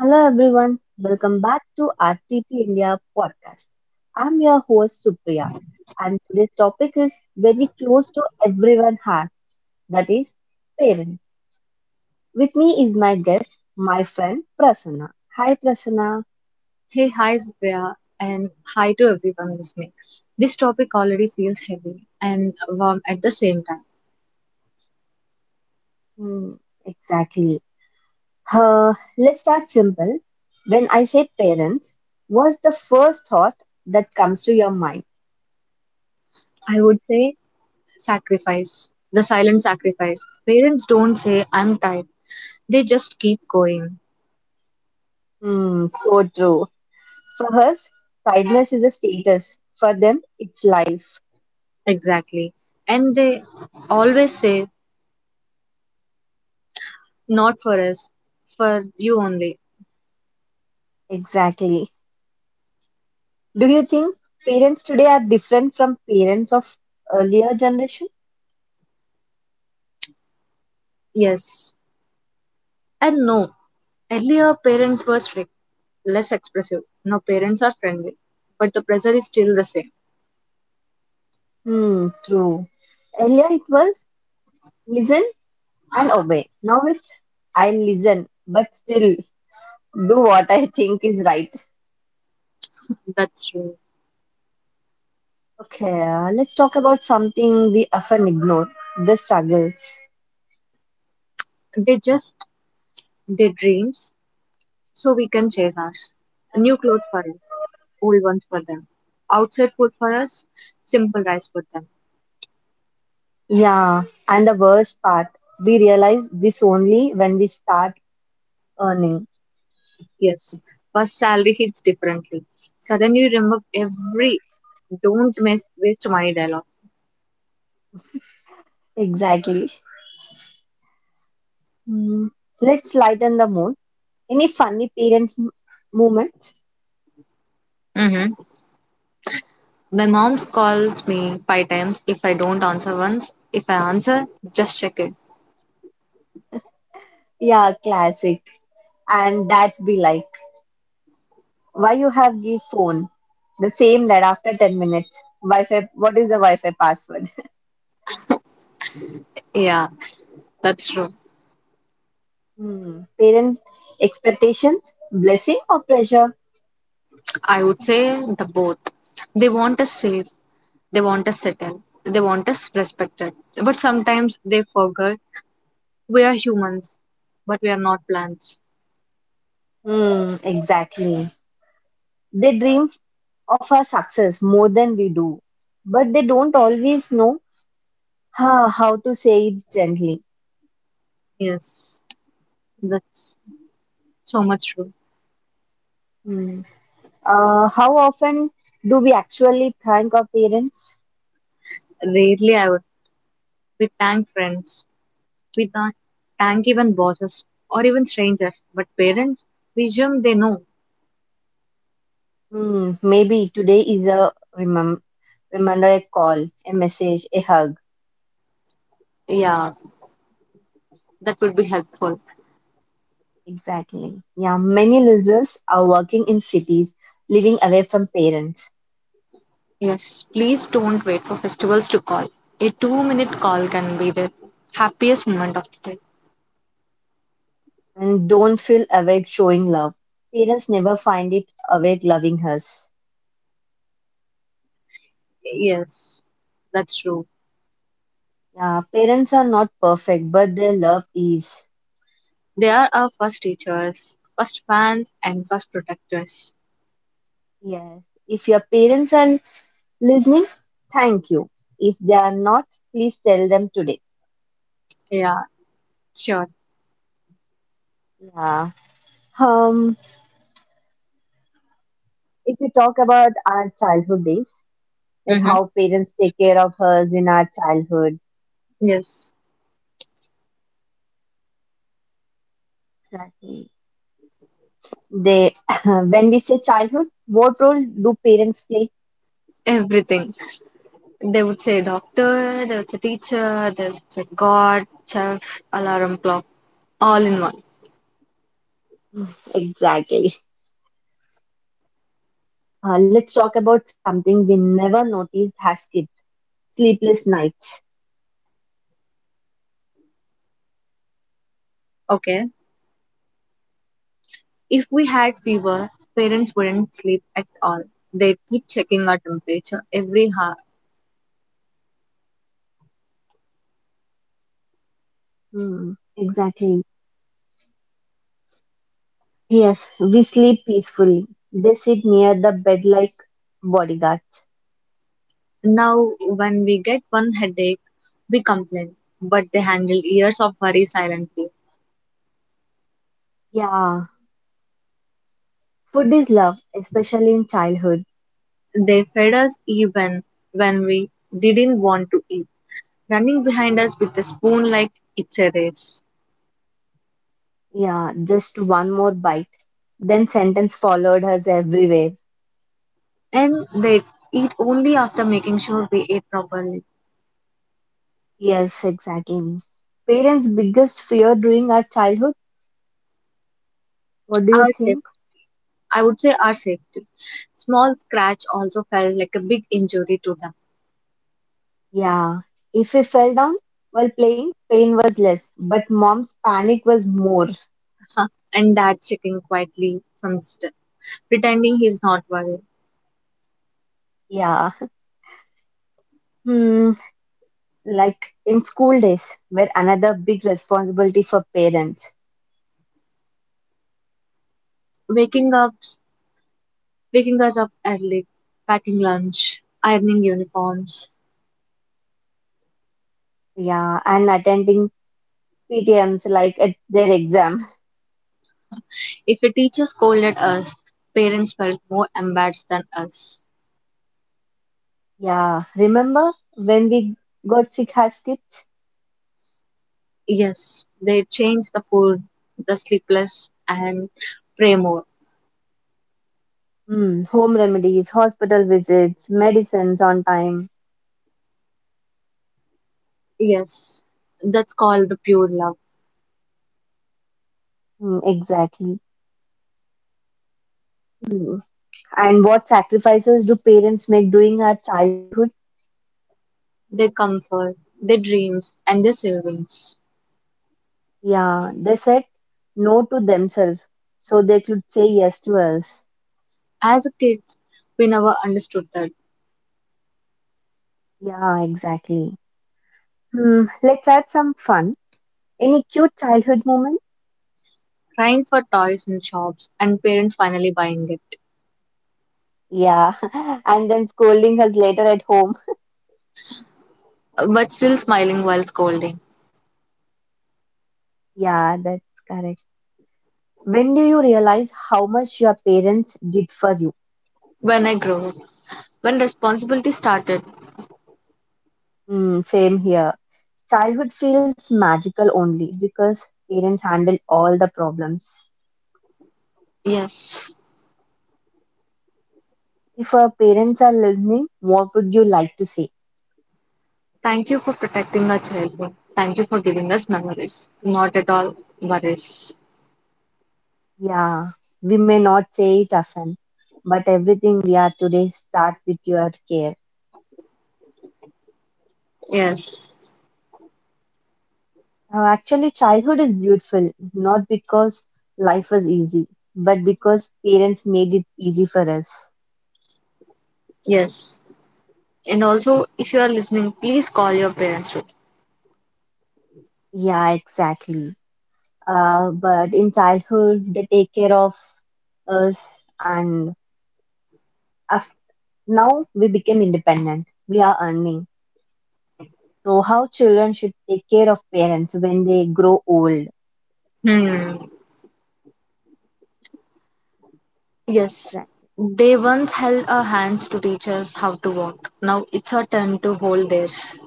Hello everyone, welcome back to RTP India podcast. I'm your host Supriya and today's topic is very close to everyone's heart, that is parents. With me is my guest, my friend Prasanna. Hi Prasanna. Hey, hi, Supriya, and hi to everyone listening. This topic already feels heavy and warm at the same time. Hmm, exactly. Let's start simple. When I say parents, what's the first thought that comes to your mind? I would say sacrifice, the silent sacrifice. Parents don't say, I'm tired, they just keep going. Hmm, so true. For us, kindness is a status. For them, it's life. Exactly. And they always say, not for us, for you only. Exactly. Do you think parents today are different from parents of earlier generation? Yes. And no, earlier parents were strict, less expressive. Now parents are friendly, but the pressure is still the same. Hmm, true. Earlier it was listen and obey. Now it's I listen, but still do what I think is right. That's true. Okay, let's talk about something we often ignore, the struggles. They just their dreams so we can chase ours. New clothes for us, old ones for them. Outside food for us, simple rice for them. Yeah, and the worst part, we realize this only when we start earning. Yes, first salary hits differently. Suddenly you remember every don't miss, waste money dialogue. Exactly. Hmm, let's lighten the mood. Any funny moments? Mm-hmm. My mom calls me five times. If I don't answer once, if I answer, just check it. Yeah, classic. And that's be like, why you have give phone? The same that after 10 minutes. Wi-Fi, what is the Wi-Fi password? Yeah, that's true. Hmm. Parent expectations, blessing or pressure? I would say the both. They want us safe, they want us settled, they want us respected. But sometimes they forget we are humans, but we are not plants. Hmm, exactly. They dream of our success more than we do, but they don't always know how to say it gently. Yes, that's so much true. Hmm. How often do we actually thank our parents? Rarely I would. We thank friends. We thank even bosses or even strangers. But parents, we assume they know. Hmm, maybe today is a remem remember a call, a message, a hug. Yeah, that would be helpful. Exactly. Yeah, many listeners are working in cities, living away from parents, Yes, please don't wait for festivals to call. A 2-minute call can be the happiest moment of the day. and don't feel awake showing love. Parents never find it awake loving us. Yes, that's true. Yeah, parents are not perfect, but their love is. They are our first teachers, first fans, and first protectors. Yes. If your parents are listening, thank you. If they are not, please tell them today. Yeah, sure. Yeah. Um, if we talk about our childhood days, like Mhm. how parents take care of us in our childhood. Yes, Exactly. They, when we say childhood, what role do parents play? everything. They would say doctor, they would say teacher, they would say God, chef, alarm clock, all in one. Exactly. Let's talk about something we never noticed as kids: sleepless nights. Okay. If we had fever, parents wouldn't sleep at all. They'd keep checking our temperature every hour. Hmm. Exactly. Yes, we sleep peacefully. They sit near the bed like bodyguards. Now, when we get one headache, we complain, but they handle years of worry silently. Yeah. Food is love, especially in childhood. They fed us even when we didn't want to eat, running behind us with a spoon like it's a race. Yeah, just one more bite. Then sentence followed us everywhere. And they eat only after making sure we ate properly. Yes, exactly. Parents' biggest fear during our childhood, what do you Our safe, think? I would say our safety. Small scratch also felt like a big injury to them. Yeah, if we fell down while playing, pain was less, but mom's panic was more. And dad checking quietly from still, pretending he's not worried. Yeah. Hmm, like in school days, were another big responsibility for parents. Waking up, waking us up early, packing lunch, ironing uniforms. Yeah, and attending PTMs like at their exam. If a teacher scolded us, parents felt more embarrassed than us. Yeah, remember when we got sick as kids? Yes, they changed the food, the sleepless, and pray more. Hmm, home remedies, hospital visits, medicines on time. Yes, that's called the pure love, Hmm, exactly. Hmm. And what sacrifices do parents make during our childhood? their comfort, their dreams, and their savings. Yeah, they said no to themselves so they could say yes to us. As a kids, we never understood that. Yeah, exactly. Hmm, let's add some fun. Any cute childhood moment? Crying for toys in shops and parents finally buying it, Yeah, and then scolding us later at home. but still smiling while scolding. Yeah, that's correct. When do you realize how much your parents did for you? When I grew up, when responsibility started, Hmm, same here. Childhood feels magical only because parents handle all the problems. yes, If our parents are listening, what would you like to say? thank you for protecting our childhood. Thank you for giving us memories, not at all worries. Yeah, we may not say it often, but everything we are today start with your care. Yes, Now, actually, childhood is beautiful, not because life was easy, but because parents made it easy for us. yes. And also, if you are listening, please call your parents too. Yeah, exactly. But in childhood, they take care of us, and af now we became independent. We are earning. So how children should take care of parents when they grow old. Hmm. Yes, Right. they once held our hands to teach us how to walk. Now it's our turn to hold theirs.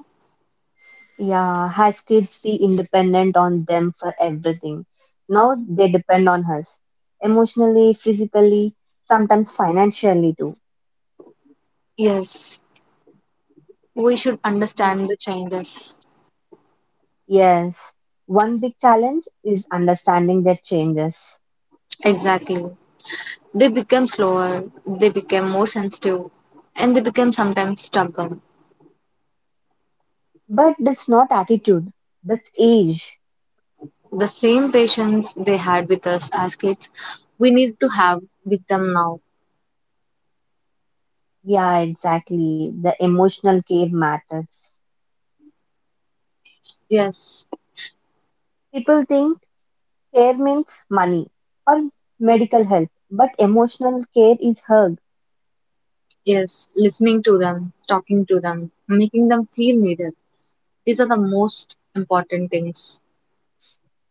Yeah, has kids be independent on them for everything. Now they depend on us. Emotionally, physically, sometimes financially too. Yes, we should Mm. understand the changes. Yes. One big challenge is understanding their changes. Exactly. They become slower, they become more sensitive, and they become sometimes stubborn. But that's not attitude, that's age. The same patience they had with us as kids, we need to have with them now. Yeah, exactly. The emotional care matters. Yes, People think care means money or medical help, but emotional care is hug. yes, listening to them, talking to them, making them feel needed. These are the most important things.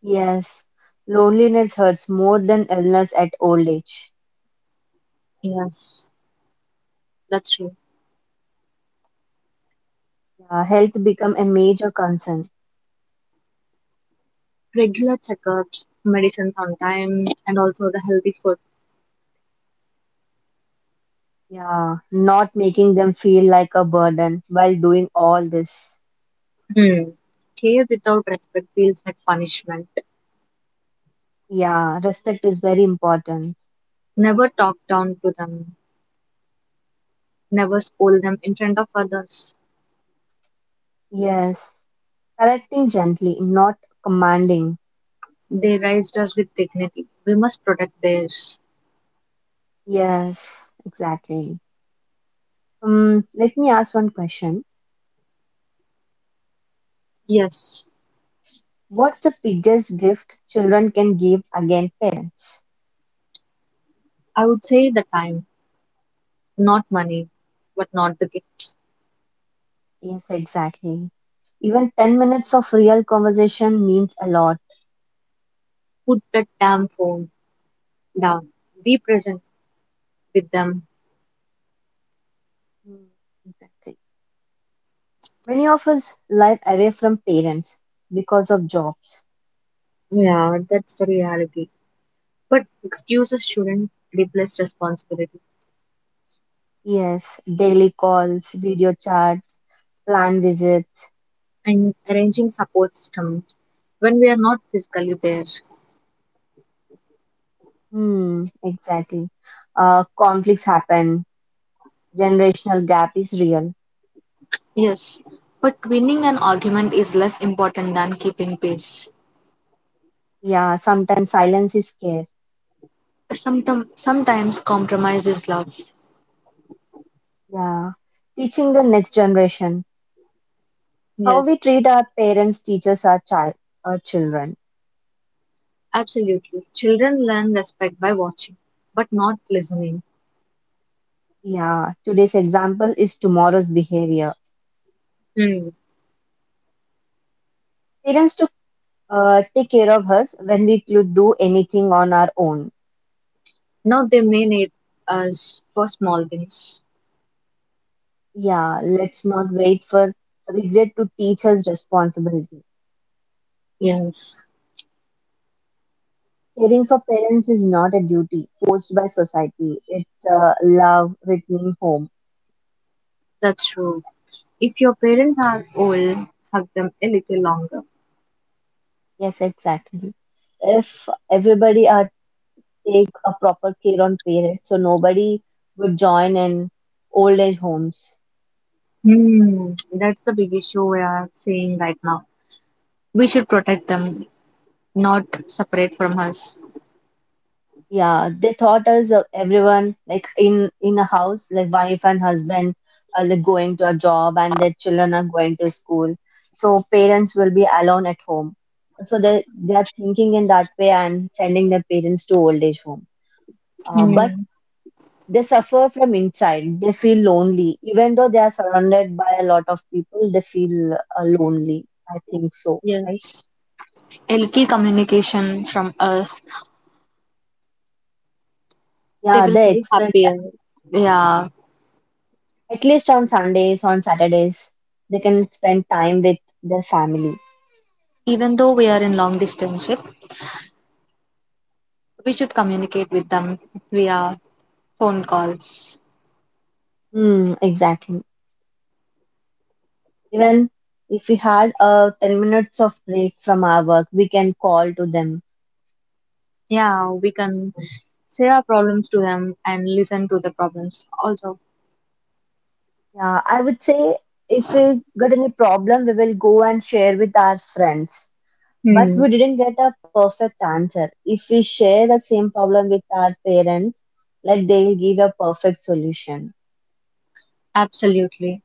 Yes, loneliness hurts more than illness at old age. Yes. That's true. Yeah, health become a major concern. Regular checkups, medicines on time, and also the healthy food. Yeah, not making them feel like a burden while doing all this. Hmm. Care without respect feels like punishment. Yeah, respect is very important. Never talk down to them. Never scold them in front of others. Yes, correcting gently, not commanding. They raised us with dignity. We must protect theirs. Yes, exactly. Let me ask one question. Yes, What's the biggest gift children can give again parents? I would say the time, not money, but not the gifts. Yes, exactly. Even 10 minutes of real conversation means a lot. Put that damn phone down. Be present with them. Mm, exactly. Many of us live away from parents because of jobs. Yeah, that's the reality. But excuses shouldn't replace responsibility. Yes, daily calls, video chats, planned visits. And arranging support system when we are not physically there. Hmm, exactly. Conflicts happen. Generational gap is real. Yes, but winning an argument is less important than keeping pace. Yeah, sometimes silence is care. Sometimes compromise is love. Yeah. Teaching the next generation. How Yes, we treat our parents teachers, our child, our children. absolutely. Children learn respect by watching, but not listening. Yeah, today's example is tomorrow's behavior. Hmm. Parents to take care of us when we could do anything on our own. Now they may need us for small things. Yeah, let's not wait for regret to teach us responsibility. Yes. Caring for parents is not a duty forced by society. It's a love written in home. That's true. If your parents are old, hug them a little longer. Yes, exactly. If everybody are take a proper care on parents, so nobody would join in old age homes. Hmm. That's the big issue we are seeing right now. We should protect them, not separate from us. Yeah, they thought us everyone like in a house, like wife and husband are like going to a job and their children are going to school, so parents will be alone at home. So they are thinking in that way and sending their parents to old age home. But Hmm. they suffer from inside. They feel lonely, even though they are surrounded by a lot of people. They feel lonely. I think so, right? Yes. A little communication from us. They Yeah, will they feel expect, happier. Yeah, yeah, at least on Sundays, on Saturdays, they can spend time with their family. even though we are in long distance ship, we should communicate with them via phone calls. Hmm, exactly. Even if we had 10 minutes of break from our work, we can call to them. Yeah, we can say our problems to them and listen to the problems also. Yeah, I would say if we got any problem, we will go and share with our friends. But Hmm. we didn't get a perfect answer. If we share the same problem with our parents, like they'll give a perfect solution. Absolutely.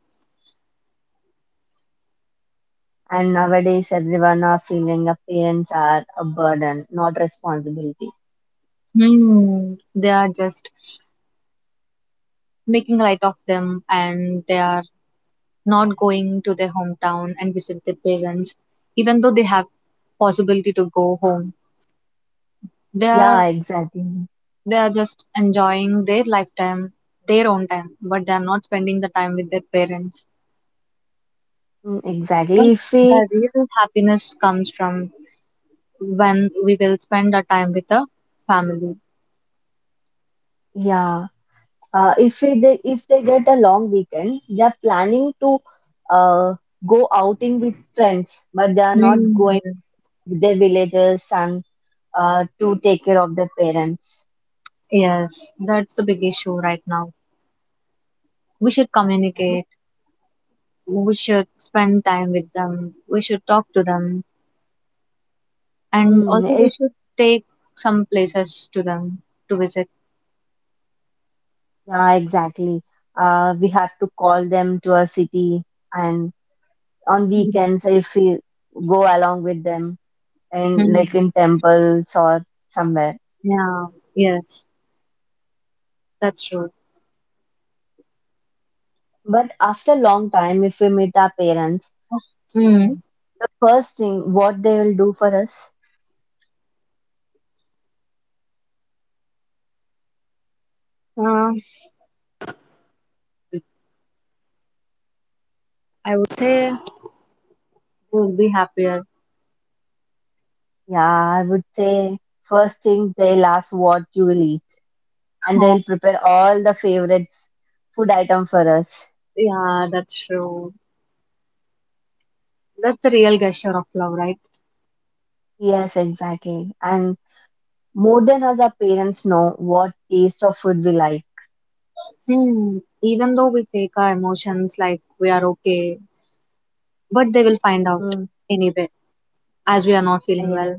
And nowadays, everyone are feeling a parents are a burden, not responsibility. Hmm. They are just making light of them and they are not going to their hometown and visit their parents, even though they have possibility to go home. They are Yeah, exactly. they are just enjoying their lifetime, their own time, but they are not spending the time with their parents. Mm, But exactly. If we, the real happiness comes from when we will spend our time with the family. yeah, if we, they, if they get a long weekend, they are planning to uh, go outing with friends, but they are not going Mhm. to their villages and to take care of their parents. Yes, that's the big issue right now. We should Yeah, but, communicate. We should spend time with them. We should talk to them. And mm, also we if, should take some places to them to visit. yeah, exactly. We have to call them to a city and on weekends if we go along with them and like Mhm. in temples or somewhere. Yeah, yes, that's true. But after long time, if we meet our parents, Mm. the first thing what they will do for us, Uh, I would say, they will be happier. yeah, I would say first thing they'll ask what you will eat and Oh. they'll prepare all the favorites food item for us. Yeah, that's true. That's the real gesture of love, right? Yes, exactly. And more than us, our parents know what taste of food we like. Hmm, even though we fake our emotions like we are okay, but they will find out Mm. anyway, as we are not feeling Yeah. well,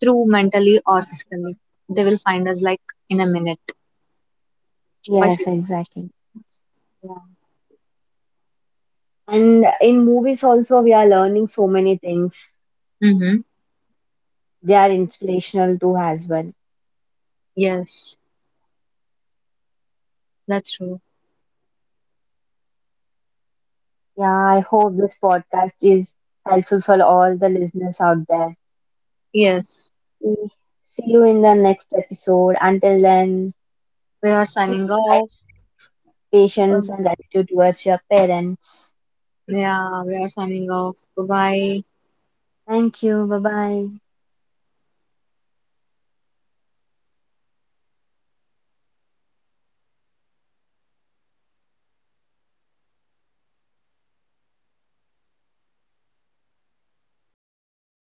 through mentally or physically. They will find us like in a minute by Yes, seeing. exactly. Yeah. And in movies also, we are learning so many things. Mhm. They are inspirational too as well. Yes. That's true. Yeah, I hope this podcast is helpful for all the listeners out there. Yes. See See you in the next episode. Until then, We are signing choose off. kindness, patience, Um, and gratitude towards your parents. Yeah, we are signing off. Bye bye. Thank you. Bye bye.